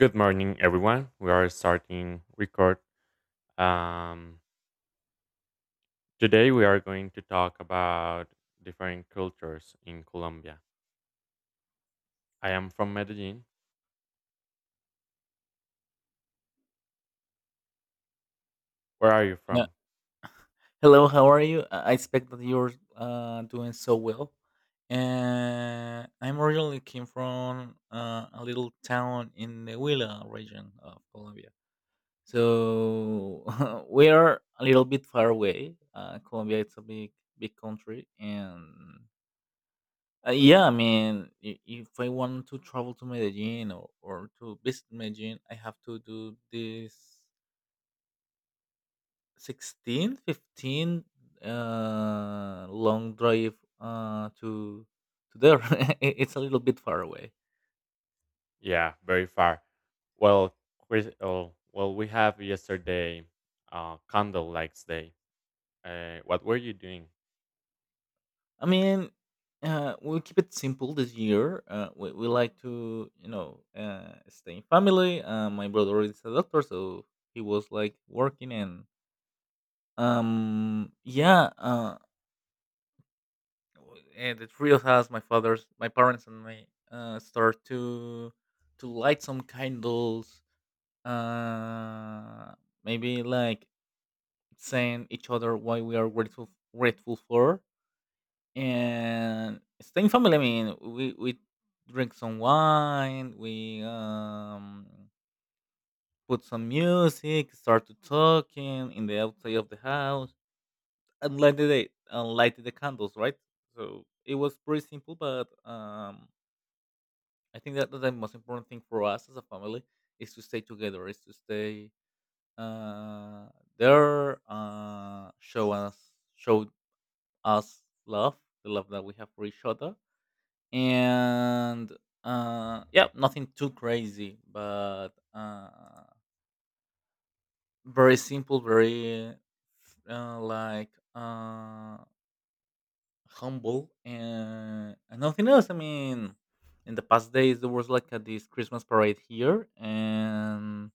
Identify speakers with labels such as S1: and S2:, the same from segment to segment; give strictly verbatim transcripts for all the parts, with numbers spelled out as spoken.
S1: Good morning, everyone. We are starting record. Um, Today, we are going to talk about different cultures in Colombia. I am from Medellin. Where are you
S2: Yeah.
S1: from?
S2: Hello, how are you? I I expect that you're uh, doing so well. Uh, I'm originally came from uh, a little town in the Huila region of Colombia. So we are a little bit far away. Uh, Colombia is a big, big country. And uh, yeah, I mean, i- if I want to travel to Medellin or, or to visit Medellin, I have to do this Sixteen, fifteen uh, long drive uh, to to there. It- it's a little bit far away.
S1: Yeah, very far. Well, Chris, oh, well, we have yesterday uh, Candle Lights Day. Uh, what were you doing?
S2: I mean, uh, we'll keep it simple this year. Uh, we, we like to, you know, uh, stay in family. Uh, my brother is a doctor, so he was like working and um, yeah. Uh, w- and the three of us, my father's, my parents, and my uh, start to to light some candles, uh maybe like saying each other why we are grateful grateful for and staying family. I mean, we we drink some wine, we um put some music, start to talking in the outside of the house and light the and light the candles, right? So it was pretty simple, but um I think that that's the most important thing for us as a family is to stay together, is to stay Uh, there, uh, show us showed us love, the love that we have for each other, and uh, yeah, nothing too crazy, but uh, very simple, very uh, like uh, humble, and, and nothing else. I mean, in the past days there was like a, this Christmas parade here, and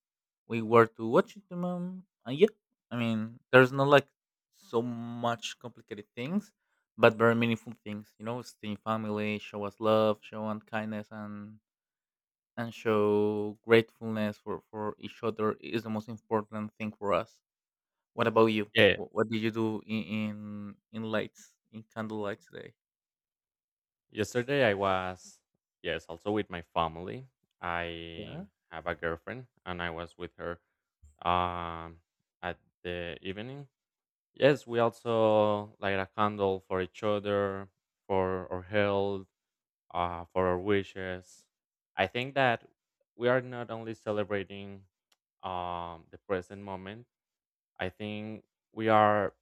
S2: we were to watch it. Um, and yeah, I mean, there's not like so much complicated things, but very meaningful things. You know, stay in family, show us love, show us kindness, and and show gratefulness for for each other is the most important thing for us. What about you?
S1: Yeah,
S2: What, what did you do in in, in lights in candlelight today?
S1: yesterday I was yes, also with my family. I
S2: Yeah.
S1: have a girlfriend, and I was with her um, at the evening. Yes, we also light a candle for each other, for our health, uh, for our wishes. I think that we are not only celebrating um, the present moment. I think we are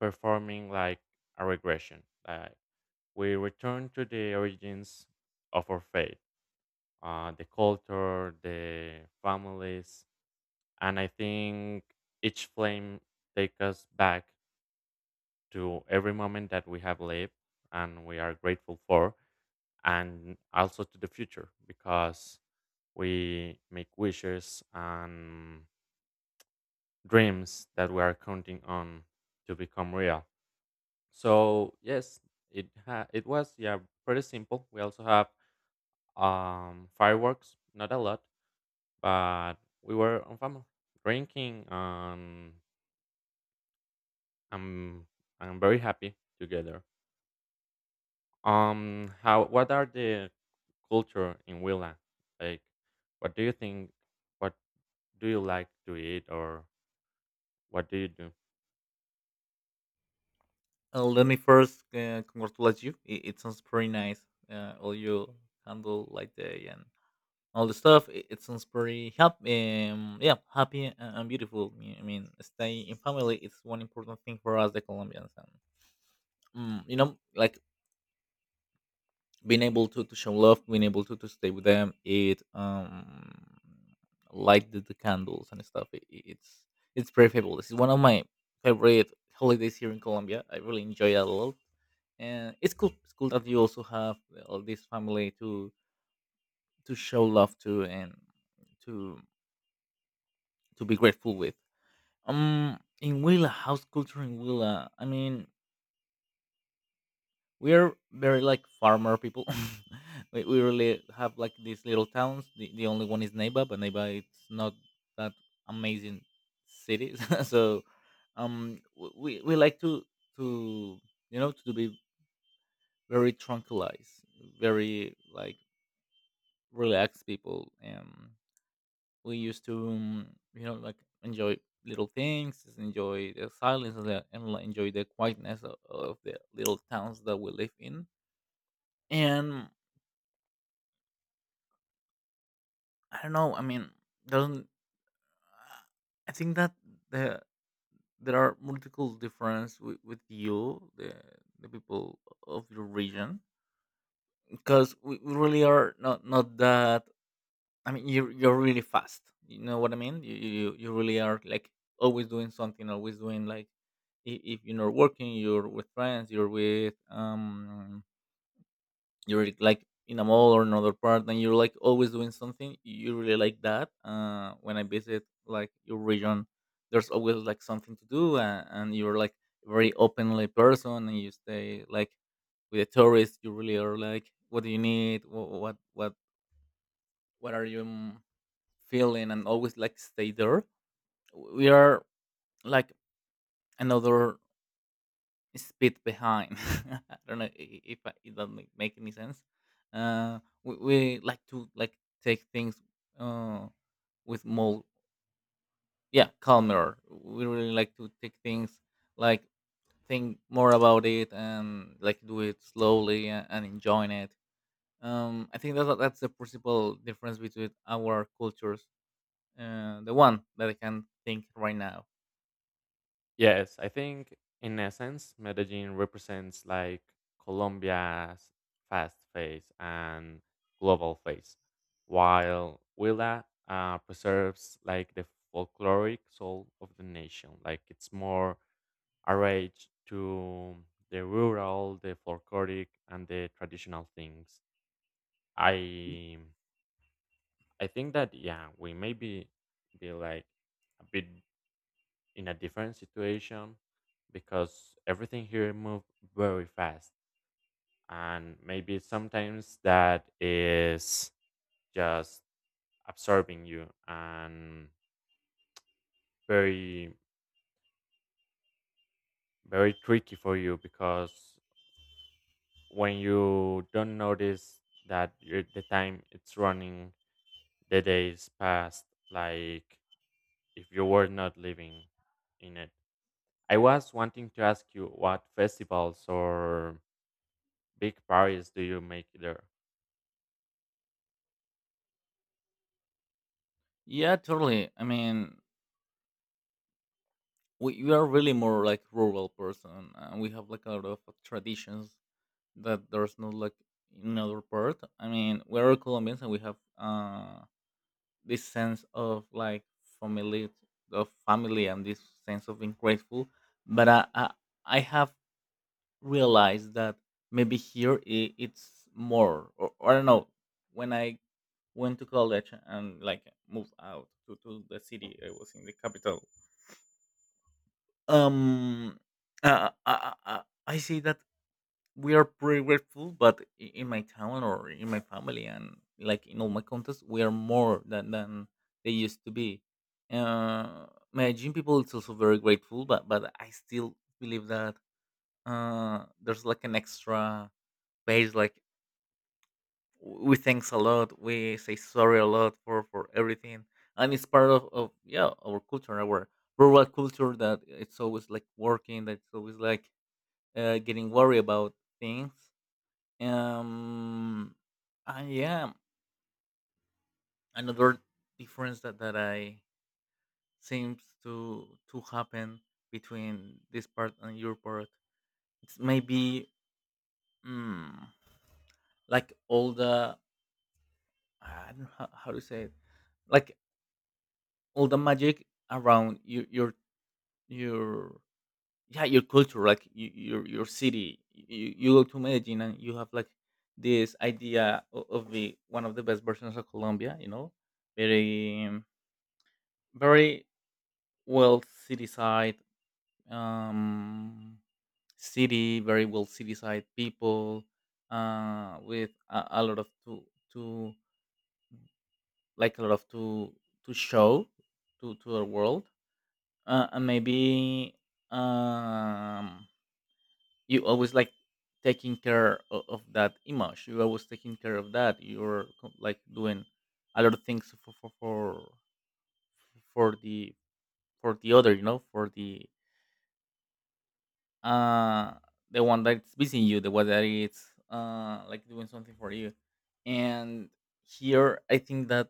S1: performing like a regression. Like we return to the origins of our faith, uh, the culture, the families, and I think each flame take us back to every moment that we have lived and we are grateful for, and also to the future because we make wishes and dreams that we are counting on to become real. So yes, it ha- it was yeah pretty simple. We also have um fireworks, not a lot, but we were on family drinking um I'm I'm very happy together. Um, how what are the culture in Willa? Like, what do you think? What do you like to eat, or what do you do?
S2: Uh, let me first uh, congratulate you. It, it sounds pretty nice. Uh, all you handle like day and all the stuff. It, it sounds pretty happy. Um, yeah, happy and, and beautiful. I mean, I mean, staying in family, it's one important thing for us, the Colombians. And, mm, you know, like being able to, to show love, being able to, to stay with them, it um light the, the candles and stuff. It, it- it's it's very favorable. This is one of my favorite holidays here in Colombia. I really enjoy it a lot, and it's cool. It's cool that you also have all this family to to show love to and to to be grateful with. Um, in Willa, house culture in Willa. I mean, we are very like farmer people. We, we really have like these little towns. The, the only one is Neiba, but Neiba, it's not that amazing city. So um w- we we like to to you know to be very tranquilized, very like relaxed people. Um we used to, um, you know like enjoy little things, enjoy the silence and, the, and like, enjoy the quietness of, of the little towns that we live in. And I don't know. I mean, doesn't I think that the there are multiple difference with, with you, the the people of your region, because we we really are not not that. I mean, you're you're really fast. You know what I mean? You you you you really are like always doing something, always doing like, if, if you're not working, you're with friends, you're with um you're like in a mall or another part, and you're like always doing something. You really like that. Uh when I visit like your region, there's always like something to do, and, and you're like a very openly person, and you stay like with the tourists. You really are like, what do you need? what what what, what are you mm, feeling? And always like stay there. We are like another speed behind. I don't know, i- if I, it doesn't make make any sense. Uh, we, we like to like take things, uh, with more, yeah, calmer. We really like to take things like, think more about it and like do it slowly, a- and enjoying it. Um, I think that that- that's the principal difference between our cultures. Uh, the one that I can think right now.
S1: Yes, I think in essence, Medellin represents like Colombia's fast face and global face, while Willa uh, preserves like the folkloric soul of the nation. Like, it's more arranged to the rural, the folkloric, and the traditional things. I I think that yeah, we may be be like a bit in a different situation because everything here move very fast, and maybe sometimes that is just absorbing you and very very tricky for you because when you don't notice that your the time it's running the days passed like if you were not living in it. I was wanting to ask you what festivals or big parties do you make there?
S2: Yeah, totally. I mean, we, we are really more like rural person, and we have like a lot of traditions that there's not like in other part. I mean, we're Colombians and we have uh this sense of like family, of family and this sense of being grateful. But i i, I have realized that maybe here I, it's more, or, or I don't know. When I went to college and like moved out to, to the city, I was in the capital. Um, uh, I, I, I say that we are pretty grateful, but i- in my town or in my family and like in all my contacts, we are more than than they used to be. Uh, my gym people is also very grateful, but but I still believe that uh there's like an extra page, like w- we thanks a lot, we say sorry a lot for for everything, and it's part of, of, yeah, our culture, our rural culture that it's always like working, that's always like uh, getting worried about things. Um, I, yeah, another difference that, that I seems to to happen between this part and your part. It's maybe, mm, like all the, I don't know how, how to say it, like all the magic around your your your yeah, your culture, like y- your your city. You, you go to Medellin and you have like this idea o- of the one of the best versions of Colombia, you know, very um, very well city side, um city very well city side people, uh with a, a lot of to to like, a lot of to to show to to the world, uh, and maybe um you always like taking care of, of that image, you always taking care of that. You're co- like doing a lot of things for for for, for the for the other, you know, for the uh the one that's visiting you, the one that is uh like doing something for you. And here I think that,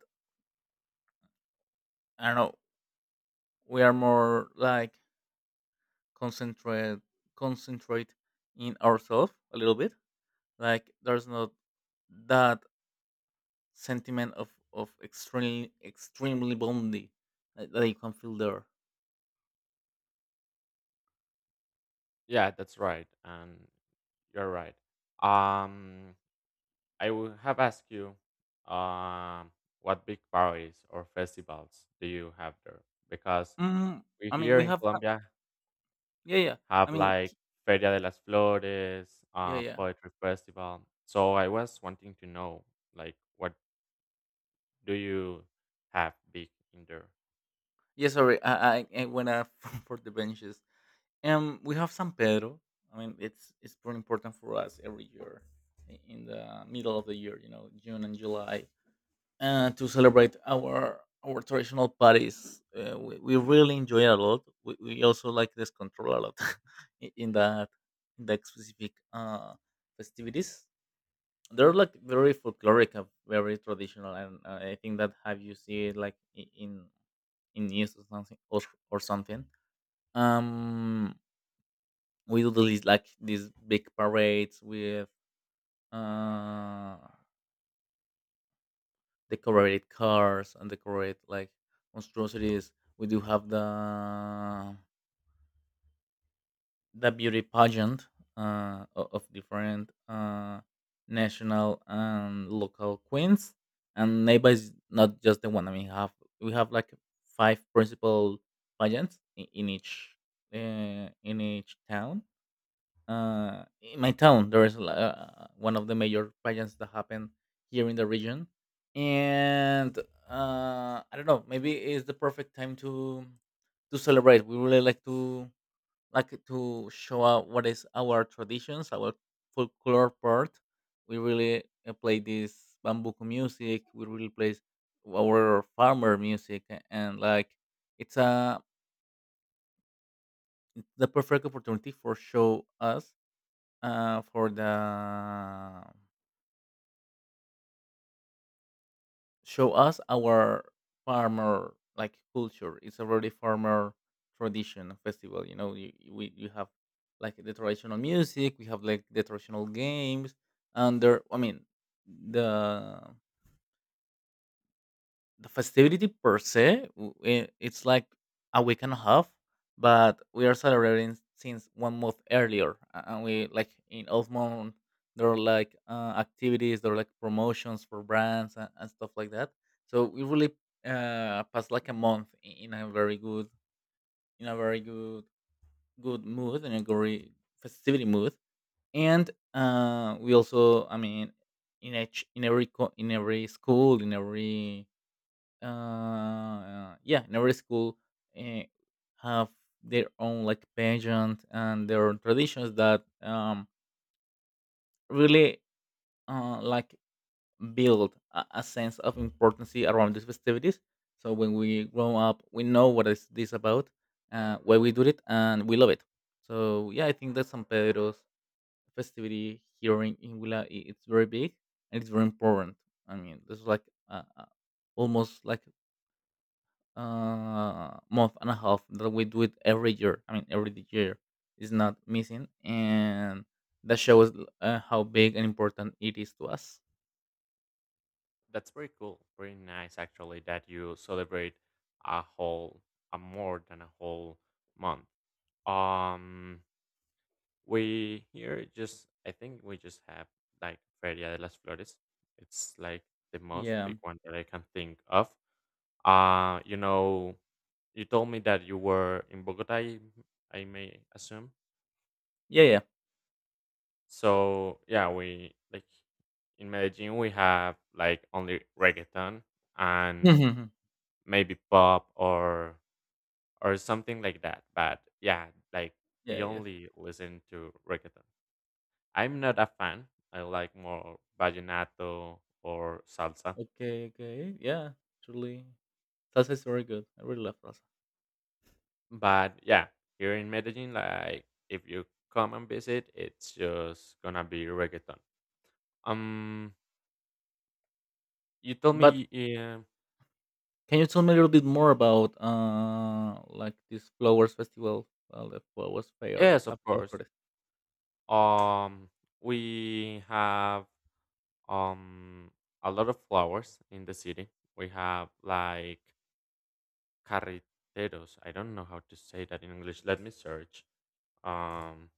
S2: I don't know, we are more like concentrate concentrate in ourselves a little bit. Like, there's not that sentiment of of extremely extremely bondy that, that you can feel there.
S1: Yeah, that's right. And you're right. Um, I will have asked you um, what big parties or festivals do you have there? Because
S2: Mm,
S1: we
S2: I mean,
S1: here
S2: we
S1: in
S2: have uh,
S1: Colombia
S2: yeah, yeah.
S1: have
S2: I mean
S1: like
S2: h-
S1: Feria de las Flores,
S2: yeah,
S1: uh,
S2: yeah,
S1: Poetry Festival. So I was wanting to know like what do you have big in there?
S2: yeah. Sorry, I I, I went up for the benches. Um, we have San Pedro. I mean, it's it's pretty important for us every year, i- in the middle of the year. You know, June and July. Uh, to celebrate our our traditional parties. Uh, we, we really enjoy it a lot. We, we also like this control a lot i- in that in that specific, uh, festivities. They're like very folkloric, and very traditional, and uh, I think that, have you see it like i- in in news or something, or, or something. Um, we do these like these big parades with uh decorated cars and decorate like monstrosities. We do have the the beauty pageant uh, o- of different uh, national and local queens. And Neighbor is not just the one. I mean, have we have like five principal pageants in, in each uh, in each town uh, in my town there is uh, one of the major pageants that happen here in the region and uh, I don't know, maybe it's the perfect time to to celebrate. We really like to like to show out what is our traditions, our folklore part. We really uh, play this bambuco music, we really play our farmer music. And like, it's a the perfect opportunity for show us uh for the show us our farmer like culture. It's a really farmer tradition festival, you know, you, you- we you have like the traditional music, we have like the traditional games. And there, I mean, the the festivity per se, w- i- it's like a week and a half, but we are celebrating since one month earlier, a- and we like in old month there are like uh, activities, there are like promotions for brands, and, and stuff like that. So we really uh passed like a month, i- in a very good, in a very good, good mood, in a very festivity mood. And uh we also, I mean, in each, in every co- in every school, in every uh uh, yeah, in every school, uh, have their own like pageant and their own traditions that um really uh like build a, a sense of importance around these festivities, so when we grow up we know what is this about, uh, why we do it, and we love it. So yeah, I think that San Pedro's festivity here in, in Huila, i- it's very big and it's very important. I mean, there's like uh, uh, almost like uh, month and a half that we do it every year. I mean, every year is not missing, and that shows uh, how big and important it is to us.
S1: That's very cool, very nice actually that you celebrate a whole, a more than a whole month. Um, we here just, I think we just have like Feria de las Flores. It's like the most
S2: Yeah,
S1: big one that I can think of. Uh, you know, you told me that you were in Bogota. I, I may assume.
S2: yeah, yeah,
S1: So yeah, we like in Medellin we have like only reggaeton and maybe pop or or something like that. But yeah, like
S2: yeah,
S1: we
S2: yes.
S1: only listen to reggaeton. I'm not a fan. I like more vallenato or salsa.
S2: Okay, okay, yeah. Truly, salsa is very good. I really love salsa.
S1: But yeah, here in Medellin, like if you come and visit, it's just gonna be reggaeton. Um, you told
S2: But
S1: me, yeah,
S2: can you tell me a little bit more about uh, like this flowers festival? Well, the flowers fair,
S1: yes, of
S2: la, la
S1: course.
S2: flores?
S1: Um, we have um a lot of flowers in the city. We have like carreteros. I don't know how to say that in English. Let me search. Um,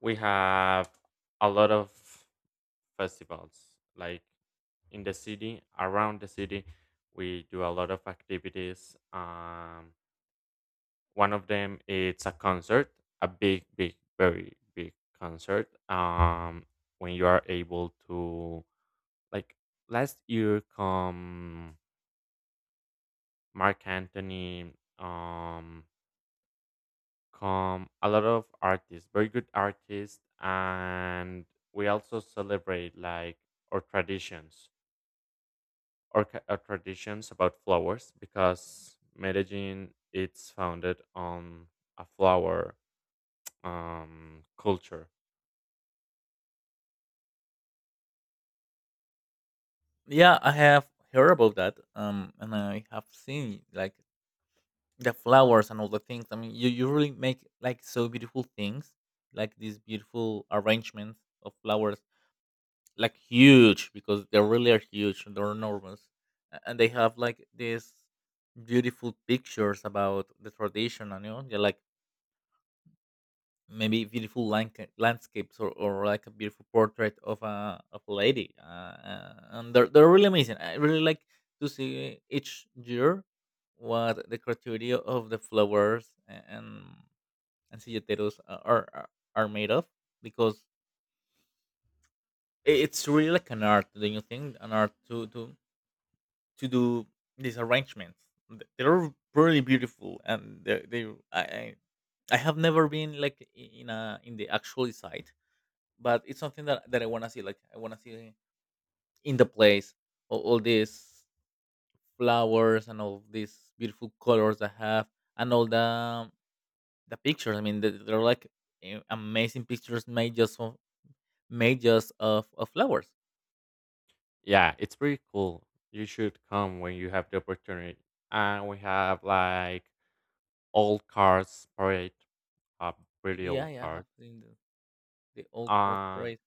S1: we have a lot of festivals like in the city, around the city. We do a lot of activities. Um, One of them it's a concert, a big, big, very big concert. Um, when you are able to like last year come Mark Anthony, um, come a lot of artists, very good artists, and we also celebrate like our traditions, our, ca- our traditions about flowers because Medellin it's founded on a flower um, culture.
S2: Yeah, I have heard about that. Um, and I have seen like the flowers and all the things. I mean, you, you really make like so beautiful things, like these beautiful arrangements of flowers, like huge because they really are huge. And they're enormous. A- and they have like these beautiful pictures about the tradition. And you know, they're like maybe beautiful lanca- landscapes, or, or like a beautiful portrait of a of a lady. Uh, uh, and they're they're really amazing. I really like to see each year what the criteria of the flowers a- and and silleteros uh, are, are are made of because i- it's really like an art, don't you think? An art to to to do these arrangements. Th- They're really beautiful, and they they I I I have never been like i- in a in the actual site, but it's something that that I wanna see. Like, I wanna see in the place all, all these flowers and all these beautiful colors I have, and all the the pictures. I mean, they- they're like eh, amazing pictures made just from majors of, of flowers.
S1: Yeah, it's pretty cool. You should come when you have the opportunity. And we have like old cars parade, uh, pretty
S2: Yeah,
S1: old
S2: yeah, I
S1: cars.
S2: have seen the, the old cards
S1: Um,
S2: parade.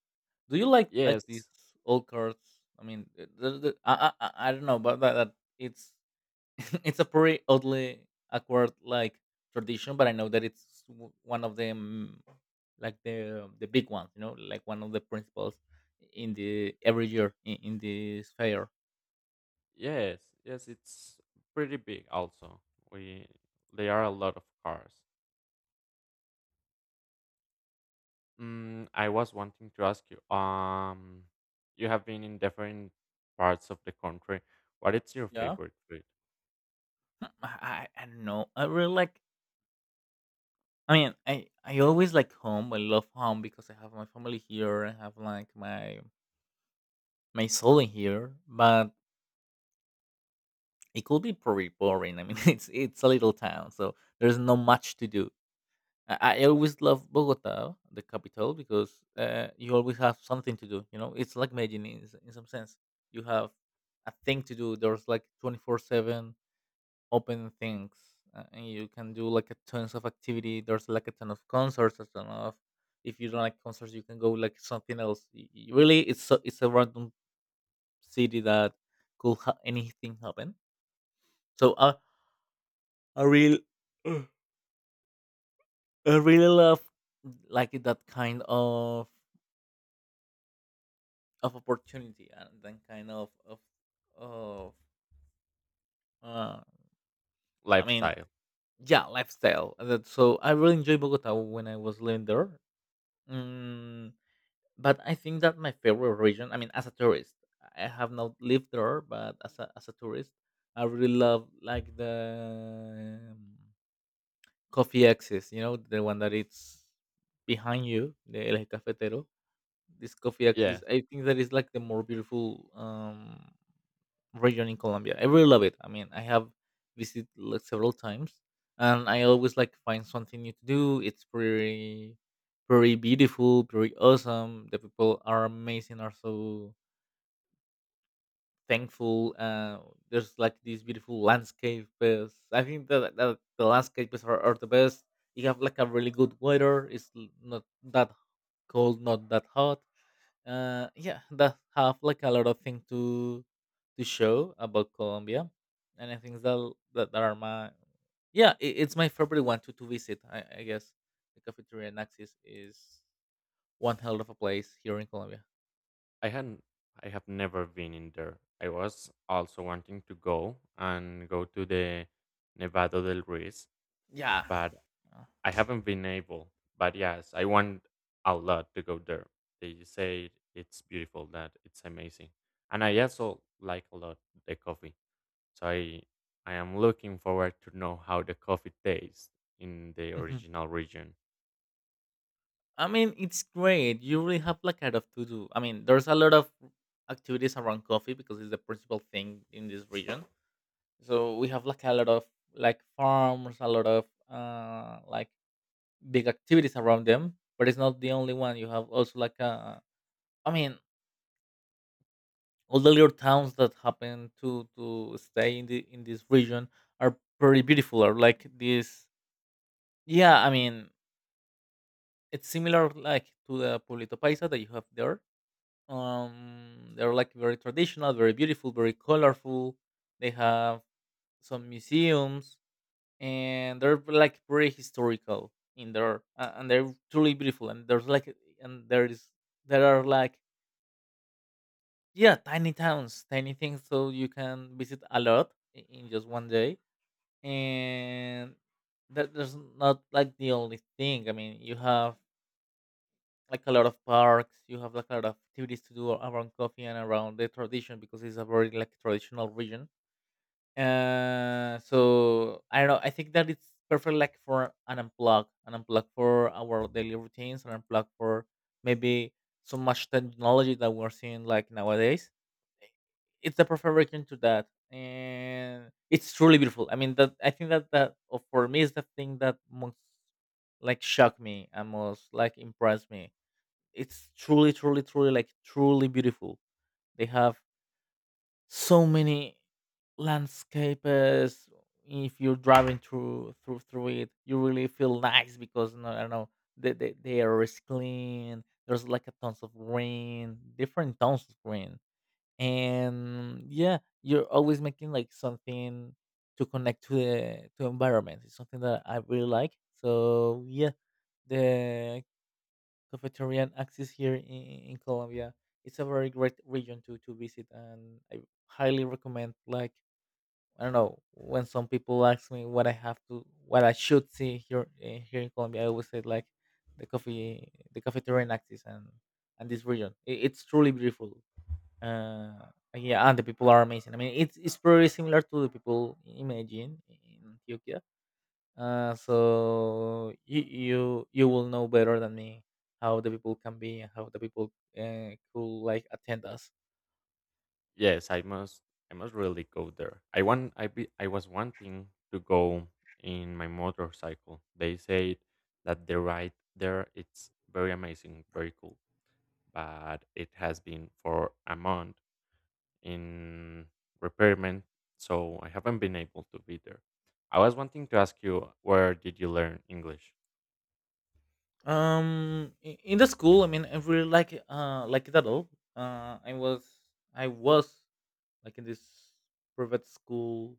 S2: Do you like like these
S1: yes,
S2: old cards? I mean, the, the, the- I, I I I don't know, but that, that it's it's a pretty oddly awkward like tradition, but I know that it's w- one of them, like the the big ones, you know, like one of the principles in the every year in, in this fair.
S1: yes, yes. It's pretty big. Also, we there are a lot of cars. Mm, I was wanting to ask you. Um, you have been in different parts of the country. What is your
S2: Yeah,
S1: favorite food
S2: I, I I don't know. I really like, I mean, I I always like home. I love home because I have my family here. I have like my my soul in here. But it could be pretty boring. I mean, it's it's a little town, so there's not much to do. I, I always love Bogota, the capital, because uh, you always have something to do. You know, it's like Medellin in, s- in some sense. You have a thing to do. There's like twenty-four seven open things, uh, and you can do like a tons of activity. There's like a ton of concerts, a ton of, if you don't like concerts you can go like something else. Y- y- really, it's so, it's a random city that could ha- anything happen. So i i really i really love like that kind of of opportunity and that kind of of of uh I mean,
S1: lifestyle?
S2: yeah, lifestyle. And that, so I really enjoyed Bogota when I was living there. Mm, but I think that my favorite region, I mean, as a tourist, I have not lived there, but as a, as a tourist, I really love like the um, coffee axis, you know, the one that it's behind you, the El Cafetero. This coffee
S1: Yeah.
S2: axis, I think that is like the more beautiful Um, region in Colombia. I really love it. I mean, I have visited like several times, and I always like find something new to do. It's pretty, pretty beautiful, pretty awesome. The people are amazing, are so thankful. Uh, there's like these beautiful landscapes. I think that, that the landscapes are, are the best. You have like a really good weather. It's l- not that cold, not that hot. Uh, yeah, that have like a lot of things to to show about Colombia, and I think that that, that are my, yeah, it, it's my favorite one to to visit. I, I guess the cafeteria in is one hell of a place here in Colombia.
S1: I hadn't I have never been in there. I was also wanting to go and go to the Nevado del Ruiz,
S2: Yeah.
S1: but I haven't been able. But yes, I want a lot to go there. They say it's beautiful, that it's amazing. And I also like a lot the coffee. So I I am looking forward to know how the coffee tastes in the
S2: Uh,
S1: original region.
S2: I mean, it's great. You really have like a lot of to do. I mean, there's a lot of activities around coffee because it's the principal thing in this region. So we have like a lot of like farms, a lot of uh like big activities around them. But it's not the only one. You have also like uh I mean, all the little towns that happen to to stay in the in this region are pretty beautiful. Are like this. Yeah, I mean, it's similar like to the Pueblito Paisa that you have there. Um, they're like very traditional, very beautiful, very colorful. They have some museums, and they're like very historical in there, uh, and they're truly beautiful. And there's like and there is there are like yeah, tiny towns, tiny things, so you can visit a lot i- in just one day. And that there's not like the only thing. I mean, you have like a lot of parks. You have like a lot of activities to do around coffee and around the tradition because it's a very like traditional region. Uh, so I don't know. I think that it's perfect like for an unplug, an unplug for our daily routines, and unplug for maybe so much technology that we're seeing like nowadays. It's the perfect region to that, and it's truly beautiful. I mean, that I think that that uh, for me is the thing that most like shocked me and most like impressed me. It's truly, truly, truly, like truly beautiful. They have so many landscapes. If you're driving through through through it, you really feel nice because no, I don't know, the the, the air is clean. There's like a tons of green, different tons of green, and yeah, you're always making like something to connect to the to environment. It's something that I really like. So yeah, the cafeteria access here in, in Colombia. It's a very great region to, to visit, and I highly recommend. Like, I don't know, when some people ask me what I have to, what I should see here, eh, here in Colombia, I always say like the coffee, the cafeteria access, and and this region. It, it's truly beautiful. Uh, yeah, and the people are amazing. I mean, it's it's pretty similar to the people imagine in Ethiopia, uh, so you, you you will know better than me how the people can be and how the people uh, could like attend us.
S1: Yes, I must. I must really go there. I want. I be. I was wanting to go in my motorcycle. They said that the ride there it's very amazing, very cool. But it has been for a month in repairment, so I haven't been able to be there. I was wanting to ask you, where did you learn English?
S2: Um, i- in the school, I mean, I really like it, uh, like it at all. Uh, I was I was like in this private school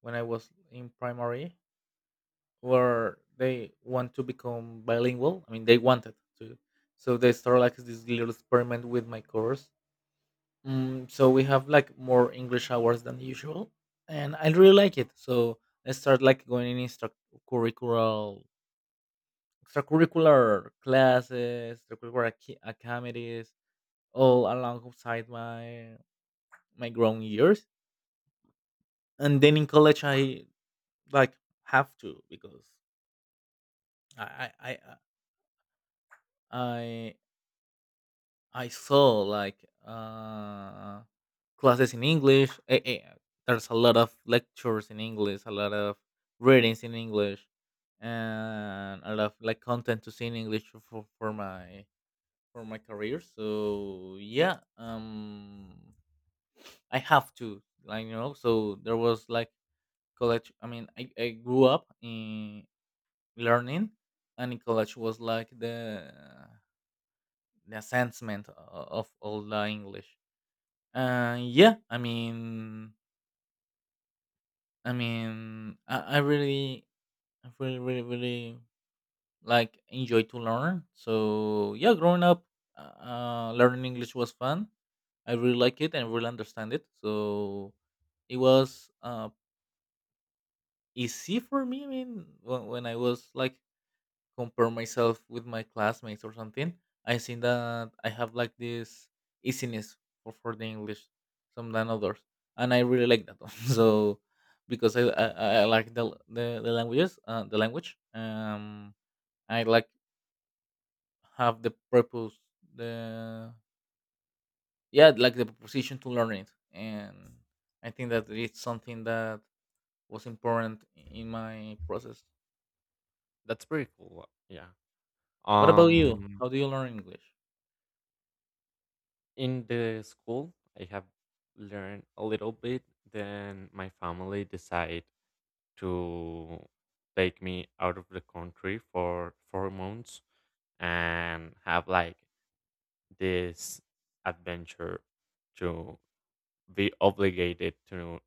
S2: when I was in primary, where they want to become bilingual. I mean, they wanted to, so they started like this little experiment with my course. Mm, so we have like more English hours than usual, and I really like it. So I start like going in extracurricular, extracurricular classes, extracurricular ac- activities, all alongside my my grown years. And then in college, I like have to because I I I I, I I saw like uh classes in English. Eh, eh, there's a lot of lectures in English, a lot of readings in English, and a lot of like content to see in English for, for my for my career. So yeah, um, I have to, like, you know. So there was like college. I mean, I, I grew up in learning, and in college was like the the assessment o- of all the English. And yeah, I mean, I mean, I, I really, I really, really, really like enjoy to learn. So yeah, growing up, uh, learning English was fun. I really like it and really understand it. So it was uh, easy for me. I mean, when, when I was like compare myself with my classmates or something, I think that I have like this easiness for, for the English some than others, and I really like that one. So because I, I, I like the, the the languages, uh, the language, um, I like have the purpose, the yeah, like the position to learn it, and I think that it's something that was important in my process.
S1: That's pretty cool. Yeah.
S2: What about you?
S1: Um.
S2: How do you learn English?
S1: In the school, I have learned a little bit. Then my family decide to take me out of the country for four months and have like this adventure to be obligated to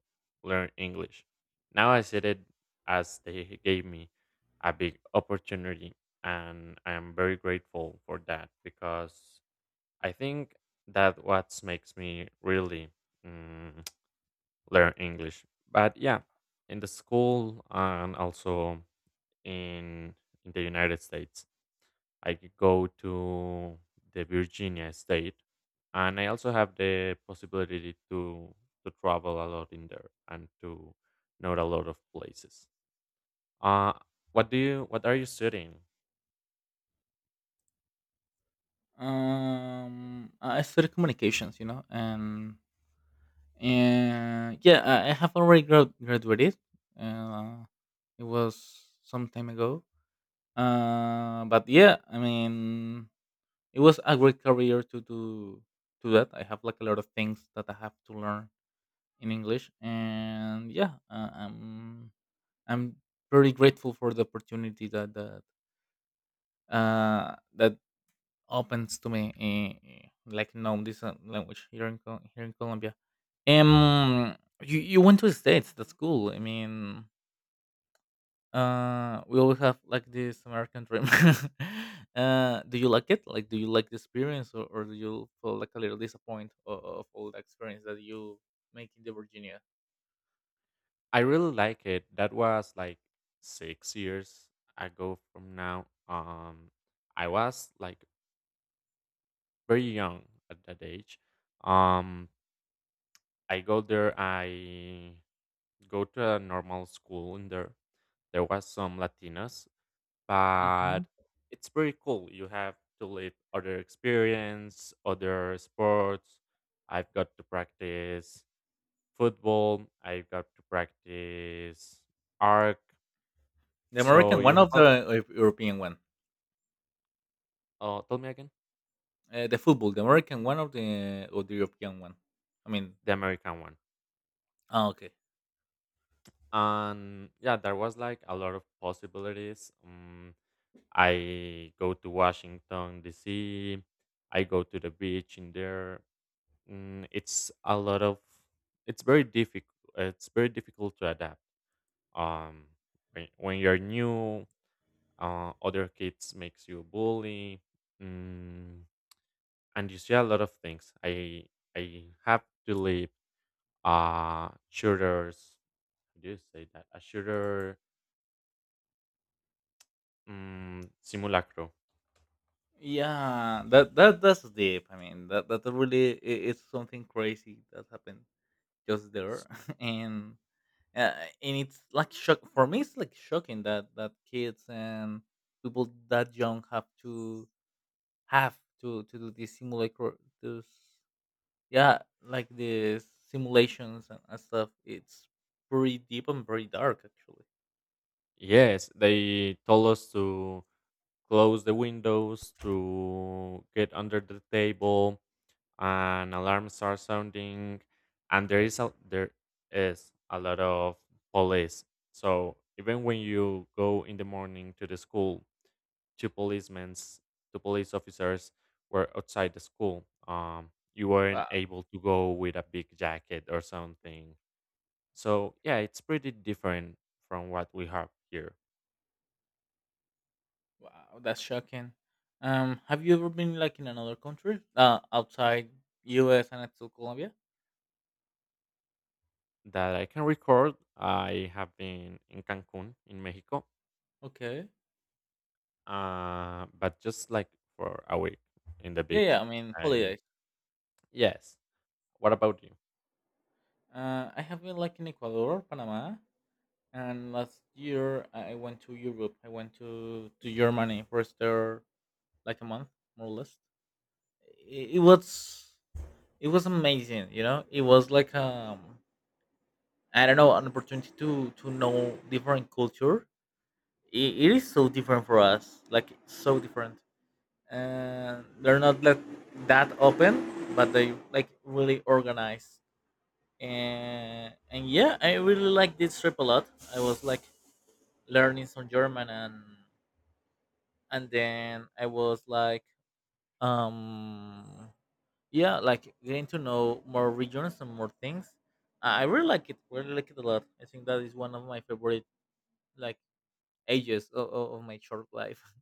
S1: learn English. Now I see it as they gave me a big opportunity, and I am very grateful for that because I think that what makes me really mm, learn English. But yeah, in the school and also in in the United States, I could go to the Virginia State, and I also have the possibility to to travel a lot in there and to know a lot of places. Uh what do you? What are you studying?
S2: Um, I studied communications, you know, and and yeah, I I have already grad- graduated. Uh, it was some time ago. Uh, but yeah, I mean, it was a great career to do to that. I have like a lot of things that I have to learn in English, and yeah, uh, I'm I'm very grateful for the opportunity that that uh, that opens to me, eh, like, no, this uh, language here in Col- here in Colombia. Um, you you went to the states. That's cool. I mean, uh, we all have like this American dream. Uh, do you like it? Like, do you like the experience, or, or do you feel like a little disappointed of, of all the experience that you make in the Virginia?
S1: I really like it. That was like six years ago from now. Um, I was like very young at that age. Um, I go there. I go to a normal school, and there there was some Latinas, but
S2: Mhm.
S1: it's very cool. You have to live other experience, other sports. I've got to practice football. I've got to practice arc.
S2: The
S1: So
S2: American
S1: you
S2: one
S1: have
S2: of
S1: a
S2: the uh, European one.
S1: Oh, tell me again.
S2: Uh, the football, the American one of the or the European one. I mean,
S1: The American one.
S2: ah, okay.
S1: And yeah, there was like a lot of possibilities. Um, I go to Washington D C. I go to the beach in there. Mm, it's a lot of. It's very difficult. It's very difficult to adapt. Um, when, when you're new, uh, other kids makes you bully. Mm, and you see a lot of things. I I have to leave uh tutors. How you say that? Ashura mm, simulacro.
S2: Yeah, that that that's deep. I mean, that that really i- is something crazy that happened just there,
S1: S-
S2: and uh, and it's like shock for me. It's like shocking that that kids and people that young have to have to to do these simulacra, those yeah, like the simulations and and stuff. It's pretty deep and very dark, actually.
S1: Yes, they told us to close the windows, to get under the table, and alarms are sounding, and there is a, there is a lot of police. So even when you go in the morning to the school, two policemen, two police officers were outside the school. Um, you weren't able to go with a big jacket or something. So yeah, it's pretty different from what we have here.
S2: Wow, that's shocking. Um, have you ever been like in another country, uh, outside U S and still Colombia?
S1: That I can record, I have been in Cancun in Mexico,
S2: Okay.
S1: uh, but just like for a week in the
S2: Yeah,
S1: beach.
S2: yeah. I mean,
S1: I
S2: holidays.
S1: Yes. What about you?
S2: Uh, I have been like in Ecuador, Panama, and last year I I went to Europe. I went to to Germany. First there like a month, more or less. It, it was it was amazing. You know, it was like um I don't know, an opportunity to to know different culture. It, it is so different for us, like so different. And they're not like that open, but they like really organized. And and yeah, I really like this trip a lot. I was like learning some German, and and then I was like um yeah, like getting to know more regions and more things. I I really like it. Really like it a lot. I think that is one of my favorite like ages of, of my short life.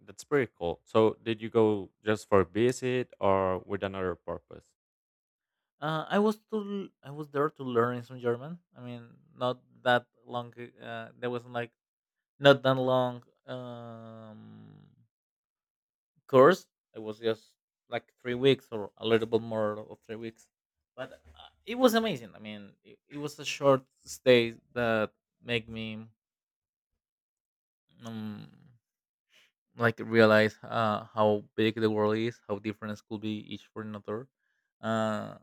S1: That's pretty cool. So did you go just for visit or with another purpose?
S2: Uh, I was to I was there to learn some German. I mean, not that long. Uh, there wasn't like not that long um, course. It was just like three weeks or a little bit more of three weeks. But uh, it was amazing. I mean, it, it was a short stay that made me. Um, like realize uh, how big the world is, how different schools could be each for another, uh,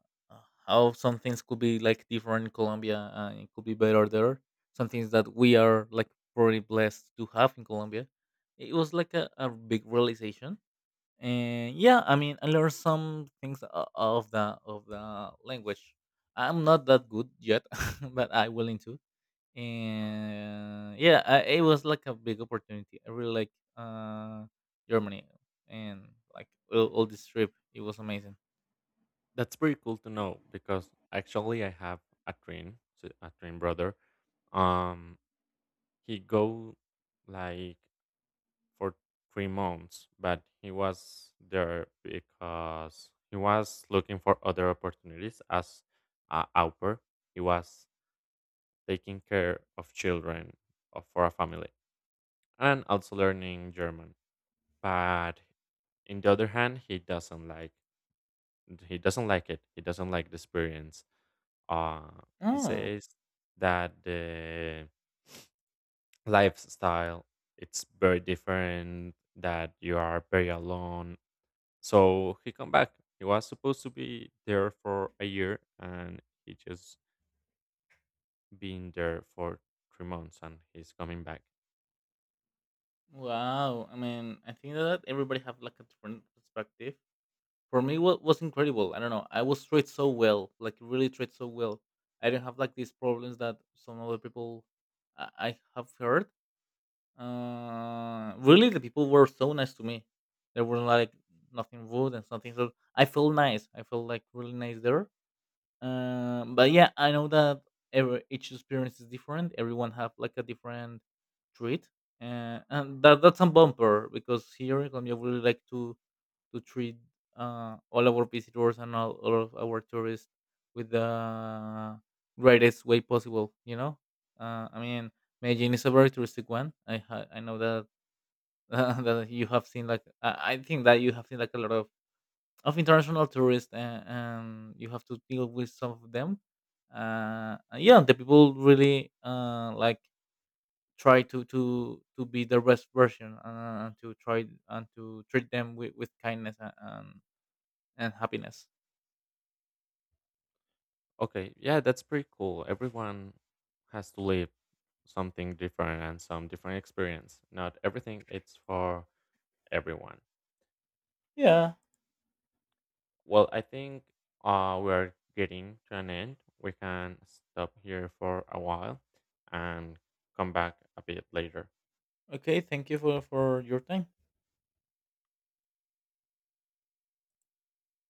S2: how some things could be like different in Colombia, uh, it could be better there. Some things that we are like probably blessed to have in Colombia. It was like a, a big realization, and yeah, I mean, I learned some things o- of the of the language. I'm not that good yet, but I willing to. And yeah, uh, it was like a big opportunity. I really like uh Germany, and like all, all this trip, it was amazing.
S1: That's pretty cool to know because actually I have a twin, so- a twin brother. Um, he go like for three months, but he was there because he was looking for other opportunities as a au pair. He was taking care of children of- for a family and also learning German. But in the other hand, he doesn't like he doesn't like it. He doesn't like the experience. Uh, he
S2: Oh,
S1: says that the lifestyle it's very different. That you are very alone. So he come back. He was supposed to be there for a year, and he just been there for three months, and he's coming back.
S2: wow. I mean, I think that everybody have like a different perspective. For me, what was incredible, I don't know, I was treated so well, like really treated so well. I didn't have like these problems that some other people I I have heard. Uh, really, the people were so nice to me. There was like nothing rude and something. So I felt nice. I felt like really nice there. Um, but yeah, I know that every each experience is different. Everyone have like a different treat, uh, and that that's a bumper because here in Colombia we really like to to treat uh, all our visitors and all, all of our tourists with the greatest way possible. You know, uh, I mean, Medellin is a very touristic one. I ha- I know that that you have seen like I I think that you have seen like a lot of of international tourists, and, and you have to deal with some of them. Uh, and yeah, the people really uh, like try to to to be the best version uh, and to try and to treat them with, with kindness and, and and happiness.
S1: Okay, yeah, that's pretty cool. Everyone has to live something different and some different experience. Not everything it's for everyone.
S2: Yeah.
S1: Well, I think uh, we are getting to an end. We can stop here for a while and come back a bit later.
S2: Okay. Thank you for for your time.